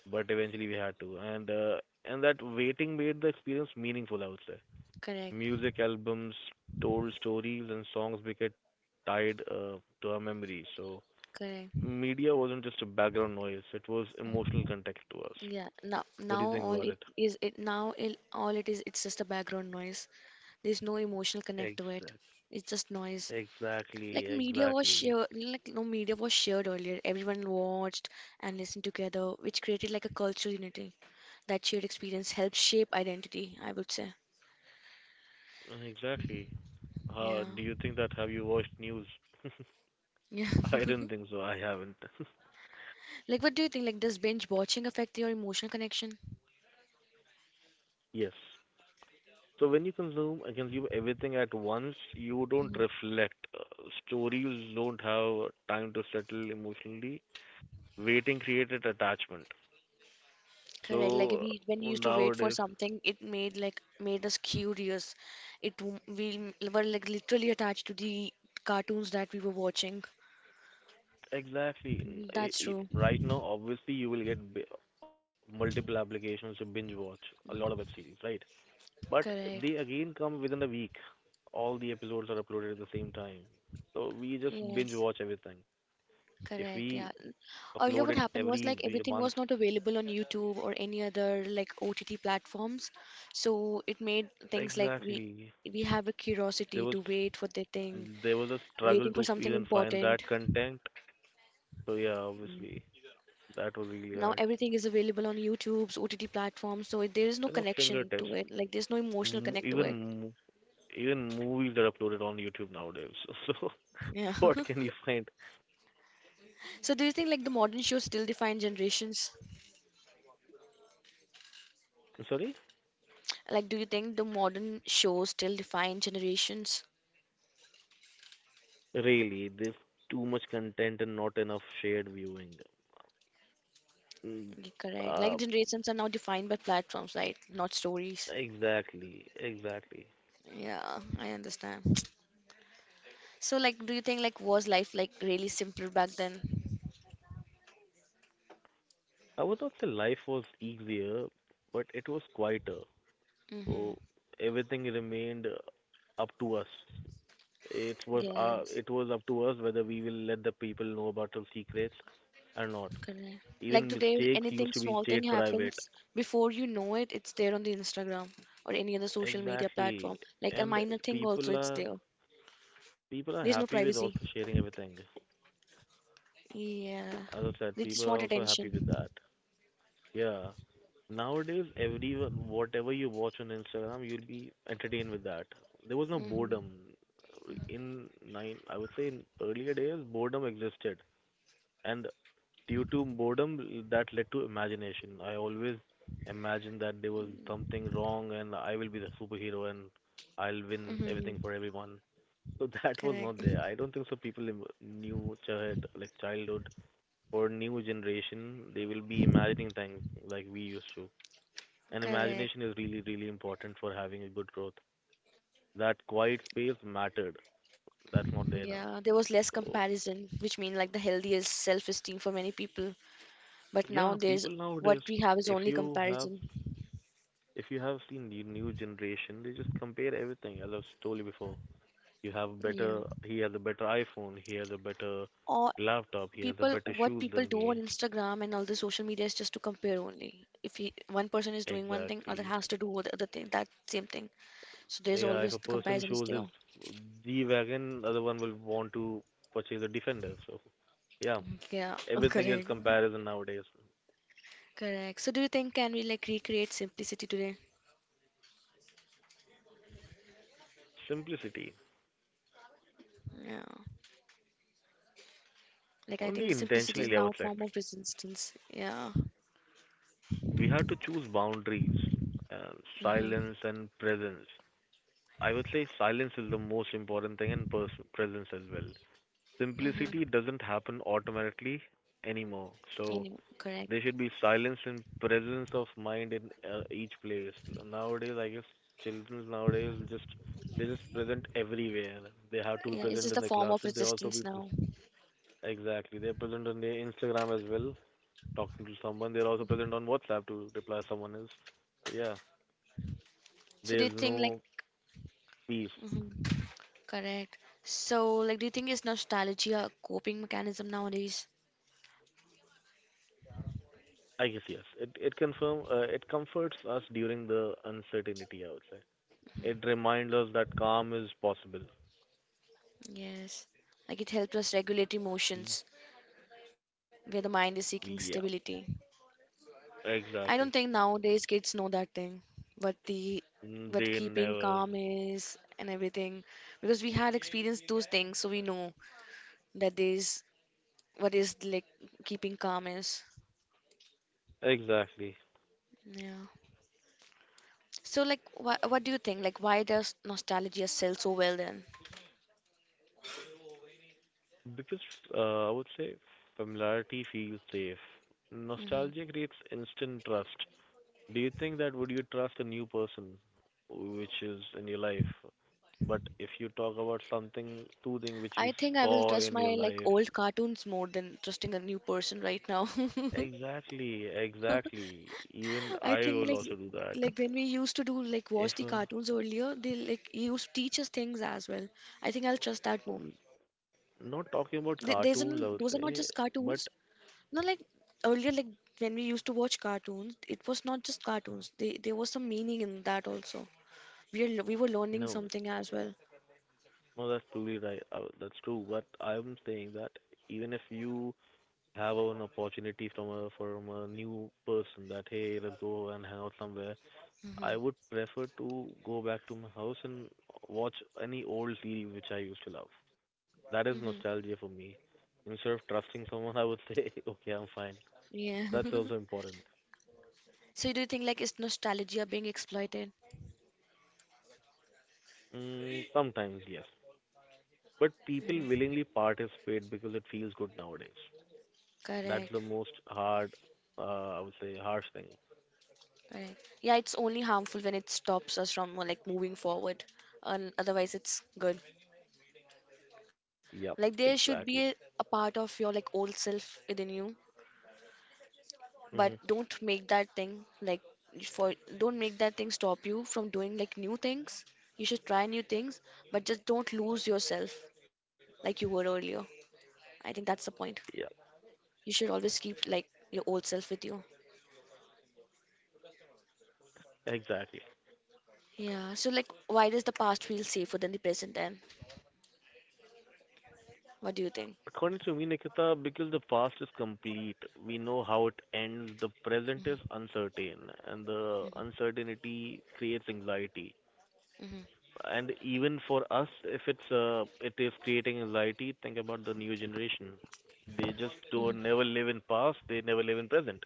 Speaker 2: But eventually we had to, and that waiting made the experience meaningful, I would say
Speaker 1: correct,
Speaker 2: music albums told stories and songs became tied to our memory. So
Speaker 1: correct.
Speaker 2: media wasn't just a background noise; it was emotional context to us.
Speaker 1: Yeah.
Speaker 2: What do you think about it?
Speaker 1: Now all it is, it's just a background noise. There's no emotional connect to it.
Speaker 2: Exactly,
Speaker 1: It's just noise.
Speaker 2: exactly,
Speaker 1: Like media was
Speaker 2: exactly.
Speaker 1: shared, like No media was shared earlier. Everyone watched and listened together, which created like a cultural unity. That shared experience helped shape identity, I would say.
Speaker 2: Exactly. How
Speaker 1: Yeah.
Speaker 2: do you think that? Have you watched news?
Speaker 1: Yeah.
Speaker 2: I don't think so. I haven't.
Speaker 1: Like, what do you think? Like, does binge watching affect your emotional connection?
Speaker 2: Yes. So when you consume everything at once, you don't
Speaker 1: Mm.
Speaker 2: reflect. Stories don't have time to settle emotionally. Waiting created attachment.
Speaker 1: Correct. Like
Speaker 2: So
Speaker 1: we when we used to wait for
Speaker 2: nowadays,
Speaker 1: something, it made like made us curious. It w- we l- Were like literally attached to the cartoons that we were watching.
Speaker 2: exactly,
Speaker 1: Mm, that's true.
Speaker 2: right now, obviously you will get multiple applications to binge watch a lot of web series, right? But
Speaker 1: Correct.
Speaker 2: they again come within a week. All the episodes are uploaded at the same time, so we just
Speaker 1: Yes.
Speaker 2: binge watch everything. If we
Speaker 1: Correct, yeah.
Speaker 2: upload it
Speaker 1: Earlier, what happened
Speaker 2: every
Speaker 1: was like everything
Speaker 2: month,
Speaker 1: was not available on YouTube or any other like OTT platforms. So it made things like
Speaker 2: exactly,
Speaker 1: we have a curiosity
Speaker 2: there
Speaker 1: to
Speaker 2: was
Speaker 1: wait for that thing,
Speaker 2: there was a
Speaker 1: waiting for
Speaker 2: struggle to
Speaker 1: something
Speaker 2: even find
Speaker 1: important.
Speaker 2: that content. So yeah,
Speaker 1: Mm.
Speaker 2: obviously that was really
Speaker 1: Now
Speaker 2: hard.
Speaker 1: everything is available on YouTube's OTT platforms, so there is no
Speaker 2: You know,
Speaker 1: connection
Speaker 2: fingertips.
Speaker 1: to it. Like there's no emotional
Speaker 2: M-
Speaker 1: connect to it.
Speaker 2: Even mo- Even movies are uploaded on YouTube nowadays.
Speaker 1: Yeah.
Speaker 2: So what can you find?
Speaker 1: So do you think like the modern shows still define generations?
Speaker 2: I'm sorry?
Speaker 1: Like do you think the modern shows still define generations?
Speaker 2: Really, there's too much content and not enough shared viewing. Mm.
Speaker 1: Correct. Like
Speaker 2: Uh,
Speaker 1: generations are now defined by platforms, right? Not stories.
Speaker 2: exactly, exactly.
Speaker 1: Yeah, I understand. So, like, do you think like was life like really simpler back then?
Speaker 2: I would not say life was easier, but it was quieter.
Speaker 1: Mm-hmm.
Speaker 2: So everything remained up to us.
Speaker 1: Yes.
Speaker 2: It was up to us whether we will let the people know about our secrets or not.
Speaker 1: Correct. Like
Speaker 2: Even
Speaker 1: today,
Speaker 2: mistakes
Speaker 1: anything
Speaker 2: used to be
Speaker 1: small thing
Speaker 2: state private.
Speaker 1: happens before you know it, it's there on the Instagram or any other social media
Speaker 2: Exactly.
Speaker 1: platform. Like a
Speaker 2: And
Speaker 1: minor thing also,
Speaker 2: people
Speaker 1: it's
Speaker 2: are
Speaker 1: there. There's no
Speaker 2: people are
Speaker 1: privacy.
Speaker 2: happy with also sharing everything.
Speaker 1: Yeah.
Speaker 2: As I
Speaker 1: They
Speaker 2: said,
Speaker 1: just
Speaker 2: people are
Speaker 1: want
Speaker 2: also happy with
Speaker 1: attention.
Speaker 2: that. Yeah. Nowadays, everyone, whatever you watch on Instagram, you'll be entertained with that. There was no
Speaker 1: Mm-hmm.
Speaker 2: boredom in nine. I would say in earlier days, boredom existed, and due to boredom that led to imagination. I always imagined that there was something wrong and I will be the superhero and I'll win
Speaker 1: Mm-hmm.
Speaker 2: everything for everyone. So that was
Speaker 1: Correct.
Speaker 2: not there. I don't think so. People in new childhood or new generation they will be imagining things like we used to. And
Speaker 1: Correct.
Speaker 2: imagination is really really important for having a good growth. That quiet space mattered. That's not there now.
Speaker 1: Yeah, there was less
Speaker 2: So
Speaker 1: comparison, which mean like the healthiest self-esteem for many people. But now
Speaker 2: yeah,
Speaker 1: there's
Speaker 2: people
Speaker 1: what
Speaker 2: nowadays,
Speaker 1: we have is
Speaker 2: if
Speaker 1: only
Speaker 2: you have
Speaker 1: comparison.
Speaker 2: if you have seen the new generation, they just compare everything. As I've told you before, you have
Speaker 1: Yeah.
Speaker 2: better. He has a better iPhone. He has a better
Speaker 1: Or
Speaker 2: laptop. He has
Speaker 1: people,
Speaker 2: a better
Speaker 1: what
Speaker 2: shoes
Speaker 1: people do
Speaker 2: than
Speaker 1: on
Speaker 2: me.
Speaker 1: Instagram and all the social media is just to compare only. If he, one person is doing one thing, other
Speaker 2: Exactly.
Speaker 1: has to do the other thing, that same thing. So there's
Speaker 2: Yeah, if
Speaker 1: always
Speaker 2: a
Speaker 1: the
Speaker 2: person
Speaker 1: comparison is
Speaker 2: shows his
Speaker 1: there.
Speaker 2: D wagon, other one will want to purchase a Defender. So, yeah,
Speaker 1: Yeah,
Speaker 2: everything is
Speaker 1: correct.
Speaker 2: comparison nowadays.
Speaker 1: Correct. So do you think can we recreate simplicity today?
Speaker 2: Simplicity.
Speaker 1: Yeah. I think
Speaker 2: Only
Speaker 1: the simplicity is
Speaker 2: intentionally, I
Speaker 1: now a
Speaker 2: would say.
Speaker 1: form of resistance. Yeah.
Speaker 2: We have to choose boundaries, and
Speaker 1: Mm-hmm.
Speaker 2: silence and presence. I would say silence is the most important thing, and presence as well.
Speaker 1: Mm-hmm.
Speaker 2: Simplicity doesn't happen automatically anymore.
Speaker 1: Any,
Speaker 2: So
Speaker 1: correct.
Speaker 2: there should be silence and presence of mind in each place. Nowadays, I guess children nowadays just they just present everywhere. They have to be
Speaker 1: Yeah, it's
Speaker 2: present
Speaker 1: just
Speaker 2: in
Speaker 1: a
Speaker 2: their
Speaker 1: form of
Speaker 2: classes. They also
Speaker 1: resistance
Speaker 2: be pres
Speaker 1: now.
Speaker 2: exactly. They're present on their Instagram as well, talking to someone. They're also present on WhatsApp to reply someone else. So yeah,
Speaker 1: So do you
Speaker 2: there's
Speaker 1: think like,
Speaker 2: no peace.
Speaker 1: hmm correct. So do you think is nostalgia a coping mechanism nowadays?
Speaker 2: I guess yes. It comforts us during the uncertainty. I would say it reminds us that calm is possible.
Speaker 1: Yes. Like it helps us regulate
Speaker 2: Mm.
Speaker 1: emotions where the mind is seeking
Speaker 2: Yeah,
Speaker 1: stability. I don't think
Speaker 2: exactly.
Speaker 1: nowadays kids know that thing, what the
Speaker 2: Mm,
Speaker 1: what
Speaker 2: they
Speaker 1: keeping
Speaker 2: never
Speaker 1: calm is and everything, because we had experienced those things, so we know that is what is like keeping calm is.
Speaker 2: exactly
Speaker 1: Yeah. So, like, what do you think? Like, why does nostalgia sell so well then?
Speaker 2: because I would say familiarity feels safe.
Speaker 1: Hmm.
Speaker 2: Nostalgia creates instant trust. Do you think that would you trust a new person, which is in your life? But if you talk about something, two things which
Speaker 1: I
Speaker 2: you
Speaker 1: think I will
Speaker 2: saw
Speaker 1: trust
Speaker 2: in your
Speaker 1: my like
Speaker 2: life.
Speaker 1: old cartoons more than trusting a new person right now.
Speaker 2: Exactly, exactly. Even
Speaker 1: I
Speaker 2: I
Speaker 1: think
Speaker 2: will
Speaker 1: like
Speaker 2: also do that.
Speaker 1: like when we used to do like watch
Speaker 2: If
Speaker 1: the cartoons earlier, they like used to teach us things as well. I think I'll trust that more.
Speaker 2: n- Not talking about
Speaker 1: These are those
Speaker 2: cartoons, I
Speaker 1: are
Speaker 2: would
Speaker 1: not just
Speaker 2: say,
Speaker 1: cartoons.
Speaker 2: but
Speaker 1: Not like earlier, like when we used to watch cartoons, it was not just cartoons. There was some meaning in that also. We were learning
Speaker 2: no,
Speaker 1: something as well.
Speaker 2: no, that's truly right. That's true. But I'm saying that even if you have an opportunity from a new person that hey, let's go and hang out somewhere, I
Speaker 1: Hmm.
Speaker 2: would prefer to go back to my house and watch any old series which I used to love.
Speaker 1: Hmm.
Speaker 2: That is nostalgia for me. Instead of trusting someone, I would say, okay, I'm fine.
Speaker 1: Yeah.
Speaker 2: That's also important.
Speaker 1: So do you think like is nostalgia being exploited?
Speaker 2: Mm, sometimes, yes. But people
Speaker 1: Mm.
Speaker 2: willingly participate because it feels good nowadays. That's the
Speaker 1: Correct.
Speaker 2: most hard, I would say, harsh thing.
Speaker 1: Correct. Yeah, it's only harmful when it stops us from like moving forward. And otherwise it's good.
Speaker 2: Yep,
Speaker 1: Like there should be
Speaker 2: exactly.
Speaker 1: a part of your like old self within you,
Speaker 2: Hmm.
Speaker 1: but don't make that thing like for don't make that thing stop you from doing like new things. You should try new things, but just don't lose yourself like you were earlier. I think that's the point.
Speaker 2: Yeah,
Speaker 1: You should always keep like your old self with you.
Speaker 2: exactly.
Speaker 1: Yeah. So like, why does the past feel safer than the present? Then, what do you think?
Speaker 2: According to me, Nikita, because the past is complete, we know how it ends, the present is uncertain, and the
Speaker 1: Hmm.
Speaker 2: uncertainty creates anxiety.
Speaker 1: Hmm.
Speaker 2: And even for us if it is creating anxiety, think about the new generation. They just
Speaker 1: Hmm.
Speaker 2: don't never live in past, they never live in present.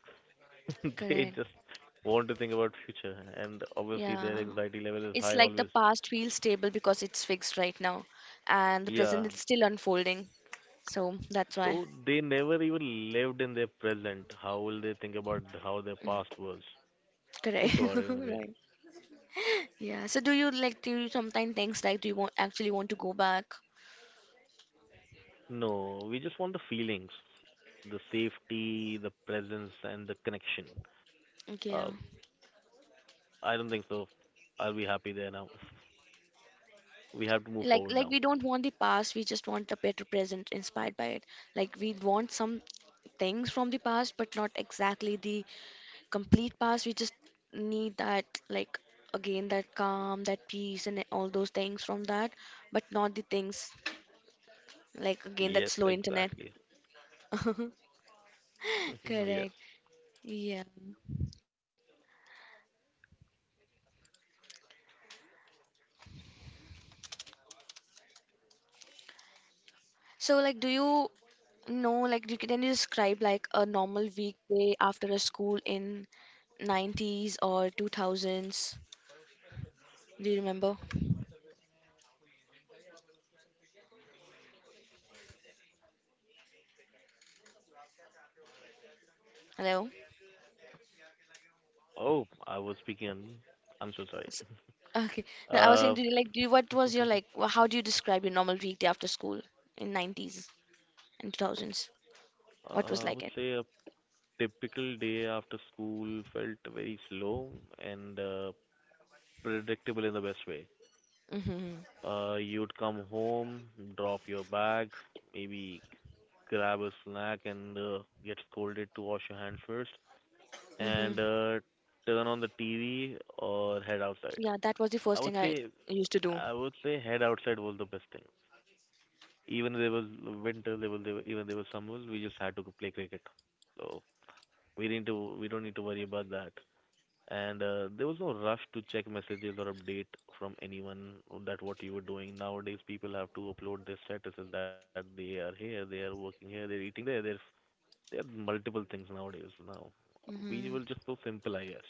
Speaker 2: They
Speaker 1: Correct.
Speaker 2: just want to think about future, and obviously their
Speaker 1: Yeah.
Speaker 2: anxiety level is
Speaker 1: It's
Speaker 2: high
Speaker 1: like the
Speaker 2: always.
Speaker 1: past feels stable because it's fixed right now, and the
Speaker 2: Yeah,
Speaker 1: present is still unfolding. So that's
Speaker 2: so
Speaker 1: why.
Speaker 2: they never even lived in their present. How will they think about how their past was?
Speaker 1: Correct.
Speaker 2: Think about it in a way.
Speaker 1: Right. Yeah. So do you sometimes things like do you want actually want to go back?
Speaker 2: No, we just want the feelings, the safety, the presence and the connection. Uh,
Speaker 1: Okay. Yeah.
Speaker 2: I don't think so. I'll be happy there now. We have to move
Speaker 1: Like
Speaker 2: forward now.
Speaker 1: we don't want the past, we just want a better present inspired by it. Like we want some things from the past but not exactly the complete past. We just need that, like, again that calm, that peace and all those things from that, but not the things like again that
Speaker 2: Yes,
Speaker 1: slow internet.
Speaker 2: exactly. Yes.
Speaker 1: Correct. Yeah. So like, do you know like do, can you describe like a normal weekday after a school in 90's or 2000s? Do you remember? Hello.
Speaker 2: Oh, I was speaking on. I'm so sorry.
Speaker 1: S- Okay. No, I was saying,
Speaker 2: Uh,
Speaker 1: do you do you, what was your how do you describe your normal weekday after school in 90's and 2000s? What was
Speaker 2: I would
Speaker 1: it?
Speaker 2: say a typical day after school felt very slow and predictable in the best way.
Speaker 1: Mm-hmm.
Speaker 2: You'd come home, drop your bag, maybe grab a snack and get scolded to wash your hands first.
Speaker 1: Mm-hmm.
Speaker 2: And Turn on the TV or head outside.
Speaker 1: Yeah, that was the
Speaker 2: I
Speaker 1: first
Speaker 2: would
Speaker 1: thing I
Speaker 2: say
Speaker 1: used to do.
Speaker 2: I would say head outside was the best thing. Even there was winter, there was there, were- even there was summer, we just had to go play cricket. So we don't need to worry about that. And there was no rush to check messages or update from anyone that what you were doing. Nowadays, people have to upload their statuses that they are here, they are working here, they're eating there. There are multiple things nowadays. Now we
Speaker 1: Mm-hmm.
Speaker 2: were just so simple, I guess.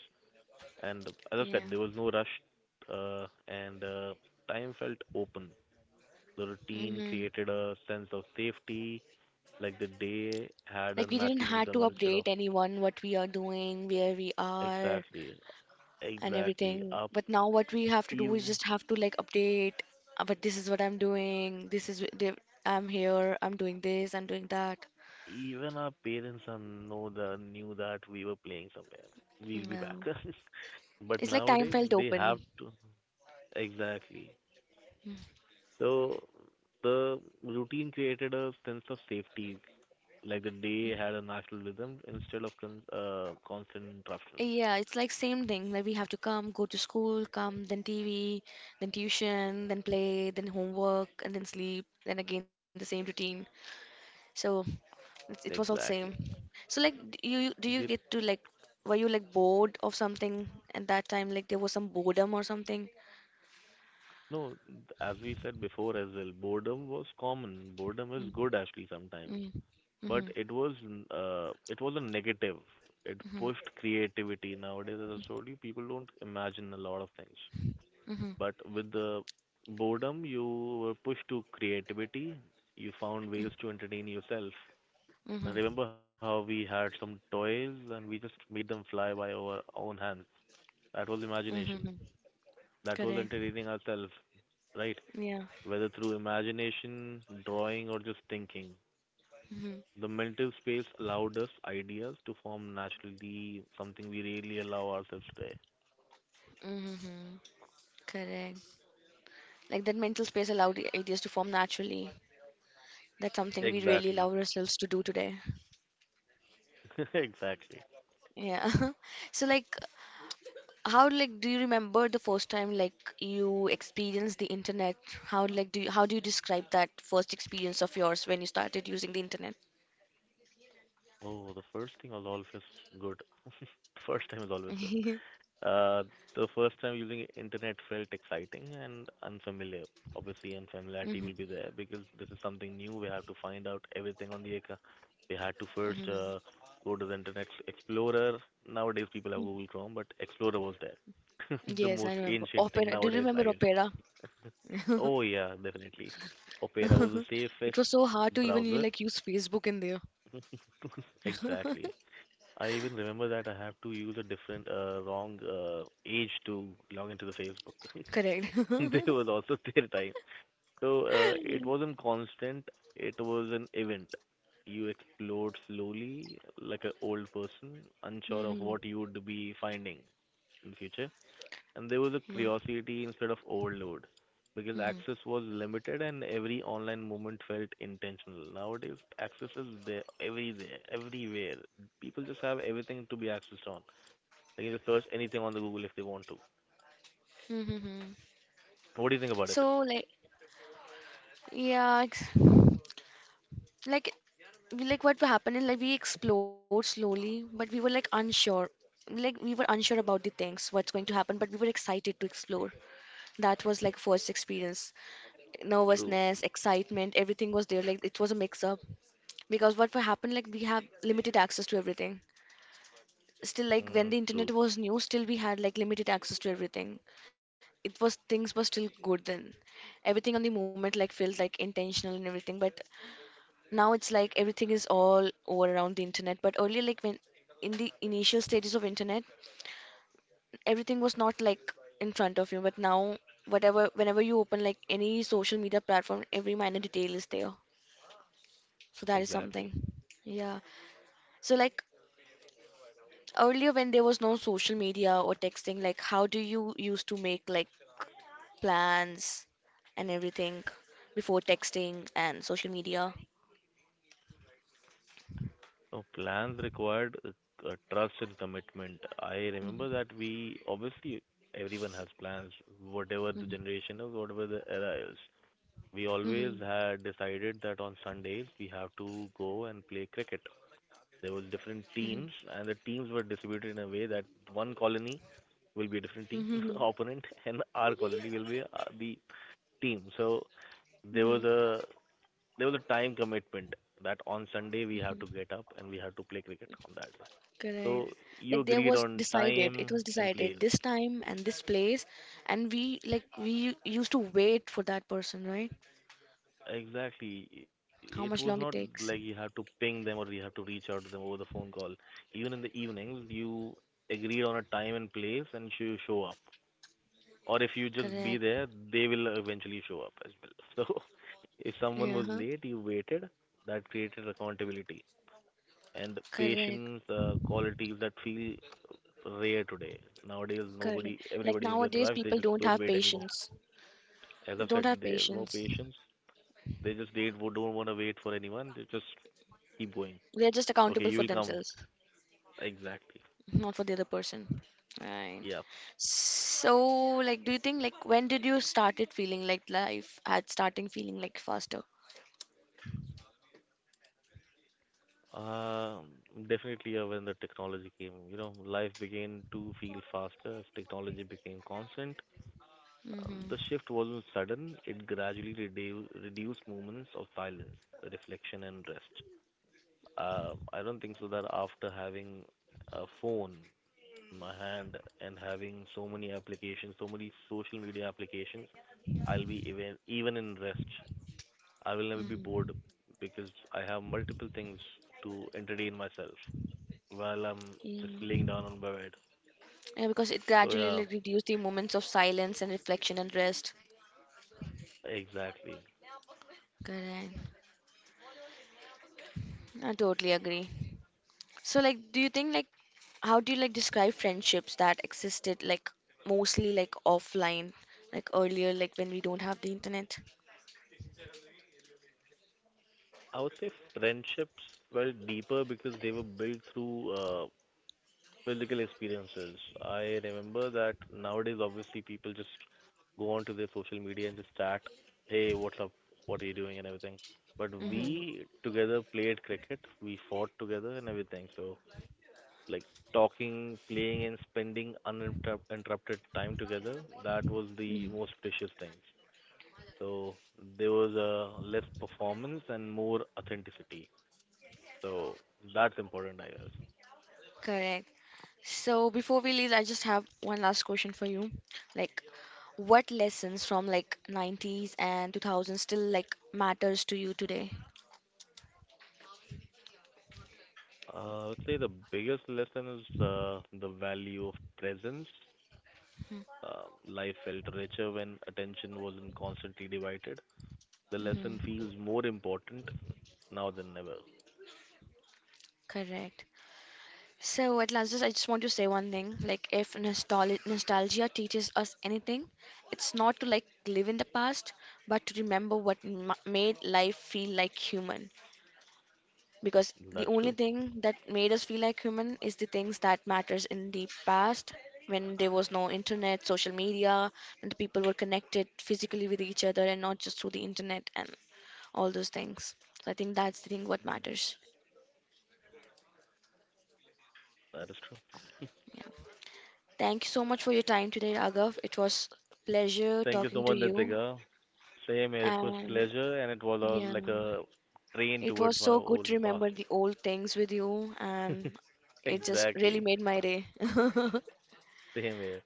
Speaker 2: And as I
Speaker 1: Yeah.
Speaker 2: said, there was no rush, and time felt open. The routine
Speaker 1: Mm-hmm.
Speaker 2: created a sense of safety, like the day had a
Speaker 1: Like we didn't
Speaker 2: natural
Speaker 1: have to
Speaker 2: rhythm instead of
Speaker 1: update anyone what we are doing, where we are,
Speaker 2: exactly,
Speaker 1: and
Speaker 2: exactly.
Speaker 1: everything.
Speaker 2: Up,
Speaker 1: But now what we have to do is
Speaker 2: even
Speaker 1: just have to like update. But this is what I'm doing. This is wh- the- I'm here. I'm doing this. I'm doing that.
Speaker 2: our parents are know the knew that we were playing somewhere. We'll be
Speaker 1: Yeah.
Speaker 2: back. But
Speaker 1: It's like time
Speaker 2: nowadays
Speaker 1: felt
Speaker 2: they have
Speaker 1: open.
Speaker 2: to exactly. So the routine created a sense of safety, like the day had a natural rhythm instead of constant interruptions.
Speaker 1: Yeah, it's like same thing. Like we have to come, go to school, come, then TV, then tuition, then play, then homework, and then sleep, then again the same routine. So it was all same.
Speaker 2: Exactly.
Speaker 1: So like, do you
Speaker 2: The,
Speaker 1: get to were you like bored of something at that time? Like there was some boredom or something?
Speaker 2: no, as we said before as well, boredom was common. Boredom is
Speaker 1: Mm,
Speaker 2: good actually sometimes,
Speaker 1: mm,
Speaker 2: but
Speaker 1: mhm,
Speaker 2: it was a negative. It
Speaker 1: mhm,
Speaker 2: pushed creativity. Nowadays, as I told you, people don't imagine a lot of things.
Speaker 1: mhm,
Speaker 2: But with the boredom, you were pushed to creativity. You found
Speaker 1: mm,
Speaker 2: ways to entertain yourself. I
Speaker 1: mhm,
Speaker 2: remember how we had some toys and we just made them fly by our own hands. That was
Speaker 1: mhm, mhm.
Speaker 2: imagination. That
Speaker 1: Correct.
Speaker 2: was entertaining ourselves, right?
Speaker 1: Yeah.
Speaker 2: Whether through imagination, drawing, or just thinking.
Speaker 1: Mhm,
Speaker 2: The mental space allowed us ideas to form naturally, something we rarely allow ourselves today.
Speaker 1: mhm. Correct. Like that mental space allowed ideas to form naturally. That's something we really allow
Speaker 2: Exactly.
Speaker 1: ourselves to do today.
Speaker 2: Exactly.
Speaker 1: Yeah. So like how like do you remember the first time like you experienced the internet? How do you describe that first experience of yours when you started using the internet?
Speaker 2: Oh, the first thing was always good. First time is always good.
Speaker 1: Hmm.
Speaker 2: Uh, the first time using internet felt exciting and unfamiliar. Obviously, unfamiliarity will be there because this is something new. We have to find out everything on the ac- We had to first
Speaker 1: Hmm.
Speaker 2: go to the internet explorer. Nowadays, people have Google Chrome, but Explorer was there. The
Speaker 1: Yes, I
Speaker 2: most
Speaker 1: remember.
Speaker 2: ancient thing
Speaker 1: Opera. Do you
Speaker 2: nowadays, I
Speaker 1: remember
Speaker 2: guess.
Speaker 1: Opera?
Speaker 2: Oh yeah, definitely. Opera was the
Speaker 1: It
Speaker 2: safest
Speaker 1: was so hard to even you
Speaker 2: browser.
Speaker 1: like use Facebook in there.
Speaker 2: Exactly. I even remember that I have to use a different wrong age to log into the Facebook.
Speaker 1: Correct.
Speaker 2: They was also their time. So it wasn't constant, it was an event. You explored slowly like an old person, unsure of
Speaker 1: Hmm.
Speaker 2: what you would be finding in future, and there was a
Speaker 1: Yeah.
Speaker 2: curiosity instead of overload because
Speaker 1: Hmm.
Speaker 2: access was limited and every online movement felt intentional. Nowadays, access is there everywhere, everywhere. People just have everything to be accessed on. They can just search anything on the Google if they want to.
Speaker 1: Hmm.
Speaker 2: What do you think about it?
Speaker 1: So like yeah, ex- like we like what happened is like we explored slowly but we were like unsure. Like we were unsure about the things what's going to happen, but we were excited to explore. That was like first experience.
Speaker 2: True.
Speaker 1: Nervousness, excitement, everything was there, like it was a mix up, because what happened like we have limited access to everything. Still like when
Speaker 2: Mm,
Speaker 1: the internet
Speaker 2: true.
Speaker 1: was new, still we had like limited access to everything. It was, things were still good then. Everything on the moment like felt like intentional and everything, but now it's like everything is all over around the internet. But earlier, like when in the initial stages of internet, everything was not like in front of you, but now whatever, whenever you open like any social media platform, every minor detail is there. So that is something.
Speaker 2: Exactly.
Speaker 1: Yeah. So like, earlier when there was no social media or texting, like how do you used to make like plans and everything before texting and social media?
Speaker 2: So plans required trust and commitment. I remember
Speaker 1: Hmm.
Speaker 2: that we obviously everyone has plans, whatever the
Speaker 1: Hmm.
Speaker 2: generation is, whatever the era is. We
Speaker 1: Hmm.
Speaker 2: always had decided that on Sundays we have to go and play cricket. There was different
Speaker 1: Hmm.
Speaker 2: teams, and the teams were distributed in a way that one colony will be a different team
Speaker 1: Hmm.
Speaker 2: opponent, and our colony will be the team. So there
Speaker 1: Hmm.
Speaker 2: was a there was a time commitment that on Sunday we have
Speaker 1: Mhm.
Speaker 2: to get up and we have to play cricket on that day.
Speaker 1: Correct.
Speaker 2: So you
Speaker 1: Like there
Speaker 2: agreed
Speaker 1: was
Speaker 2: on
Speaker 1: decided, it
Speaker 2: time
Speaker 1: was
Speaker 2: and place.
Speaker 1: decided this time and this place, and we used to wait for that person, right?
Speaker 2: Exactly. It was
Speaker 1: How
Speaker 2: not
Speaker 1: much long it
Speaker 2: like you
Speaker 1: takes.
Speaker 2: have to ping them or you have to reach out to them over the phone call. Even in the evenings, you agreed on a time and place and you show up. Or if you just be
Speaker 1: Correct.
Speaker 2: there, they will eventually show up as well. So if someone
Speaker 1: Yeah,
Speaker 2: was
Speaker 1: huh?
Speaker 2: late, you waited, that created accountability and
Speaker 1: Correct.
Speaker 2: patience, qualities that feel rare today. Nowadays,
Speaker 1: Correct.
Speaker 2: nobody,
Speaker 1: Like
Speaker 2: everybody is in
Speaker 1: nowadays,
Speaker 2: rush. They
Speaker 1: people
Speaker 2: just
Speaker 1: don't
Speaker 2: don't
Speaker 1: have
Speaker 2: wait anymore.
Speaker 1: patience.
Speaker 2: As
Speaker 1: They
Speaker 2: I've
Speaker 1: don't
Speaker 2: said,
Speaker 1: have
Speaker 2: there's no
Speaker 1: patience.
Speaker 2: patience. They just don't want to wait for anyone. They just keep going.
Speaker 1: They're just
Speaker 2: Okay,
Speaker 1: accountable
Speaker 2: you
Speaker 1: for
Speaker 2: will come.
Speaker 1: themselves,
Speaker 2: Exactly.
Speaker 1: not for the other person. Right.
Speaker 2: Yeah.
Speaker 1: So, like, do you think like when did you started feeling like life had starting feeling like faster?
Speaker 2: Um, definitely, when the technology came, you know, life began to feel faster as technology became constant. The
Speaker 1: Mm-hmm.
Speaker 2: shift wasn't sudden, it gradually reduced moments of silence, reflection, and rest. I don't think so that after having a phone in my hand and having so many applications, so many social media applications, I'll be even in rest. I will never be bored
Speaker 1: Mm-hmm.
Speaker 2: because I have multiple things to entertain myself while I'm just laying
Speaker 1: Mm.
Speaker 2: down on my bed.
Speaker 1: Yeah, because it
Speaker 2: So
Speaker 1: gradually
Speaker 2: yeah,
Speaker 1: like reduced the moments of silence and reflection and rest.
Speaker 2: exactly.
Speaker 1: Correct. I totally agree. So, like, do you think like how do you like describe friendships that existed like mostly like offline, like earlier, like when we don't have the internet?
Speaker 2: I would say friendships were deeper because they were built through physical experiences. I remember that nowadays, obviously, people just go onto their social media and just chat, hey, what's up, what are you doing, and everything. But
Speaker 1: Hmm.
Speaker 2: we together played cricket, we fought together, and everything. So like talking, playing, and spending uninterrupted time together. That was the
Speaker 1: Hmm.
Speaker 2: most precious thing. So there was less performance and more authenticity. So that's important, I guess.
Speaker 1: Correct. So before we leave, I just have one last question for you. Like, what lessons from like 90's and 2000s still like matters to you today?
Speaker 2: I would say the biggest lesson is the value of presence. Life felt richer when attention wasn't constantly divided. The lesson
Speaker 1: Mm-hmm.
Speaker 2: feels more important now than ever.
Speaker 1: Correct. So, Atlantis, I just want to say one thing. Like, if nostalgia teaches us anything, it's not to like live in the past, but to remember what made life feel like human. Because
Speaker 2: That's
Speaker 1: the
Speaker 2: true.
Speaker 1: only thing that made us feel like human is the things that matters in the past, when there was no internet, social media, and the people were connected physically with each other and not just through the internet and all those things. So I think that's the thing what matters.
Speaker 2: That is true.
Speaker 1: Yeah. Thank you so much for your time today, Agav. It was pleasure
Speaker 2: Thank you so
Speaker 1: talking to
Speaker 2: much,
Speaker 1: you.
Speaker 2: Nitika. Same here. It was
Speaker 1: And
Speaker 2: pleasure, and it was a,
Speaker 1: yeah,
Speaker 2: like a train
Speaker 1: it
Speaker 2: towards
Speaker 1: was
Speaker 2: my
Speaker 1: so good
Speaker 2: old
Speaker 1: to
Speaker 2: past.
Speaker 1: remember the old things with you. And it just really
Speaker 2: Exactly.
Speaker 1: made my day.
Speaker 2: Same here.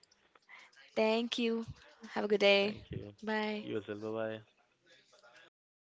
Speaker 1: Thank you. Have a good day.
Speaker 2: Thank you.
Speaker 1: Bye.
Speaker 2: You as well. Bye bye.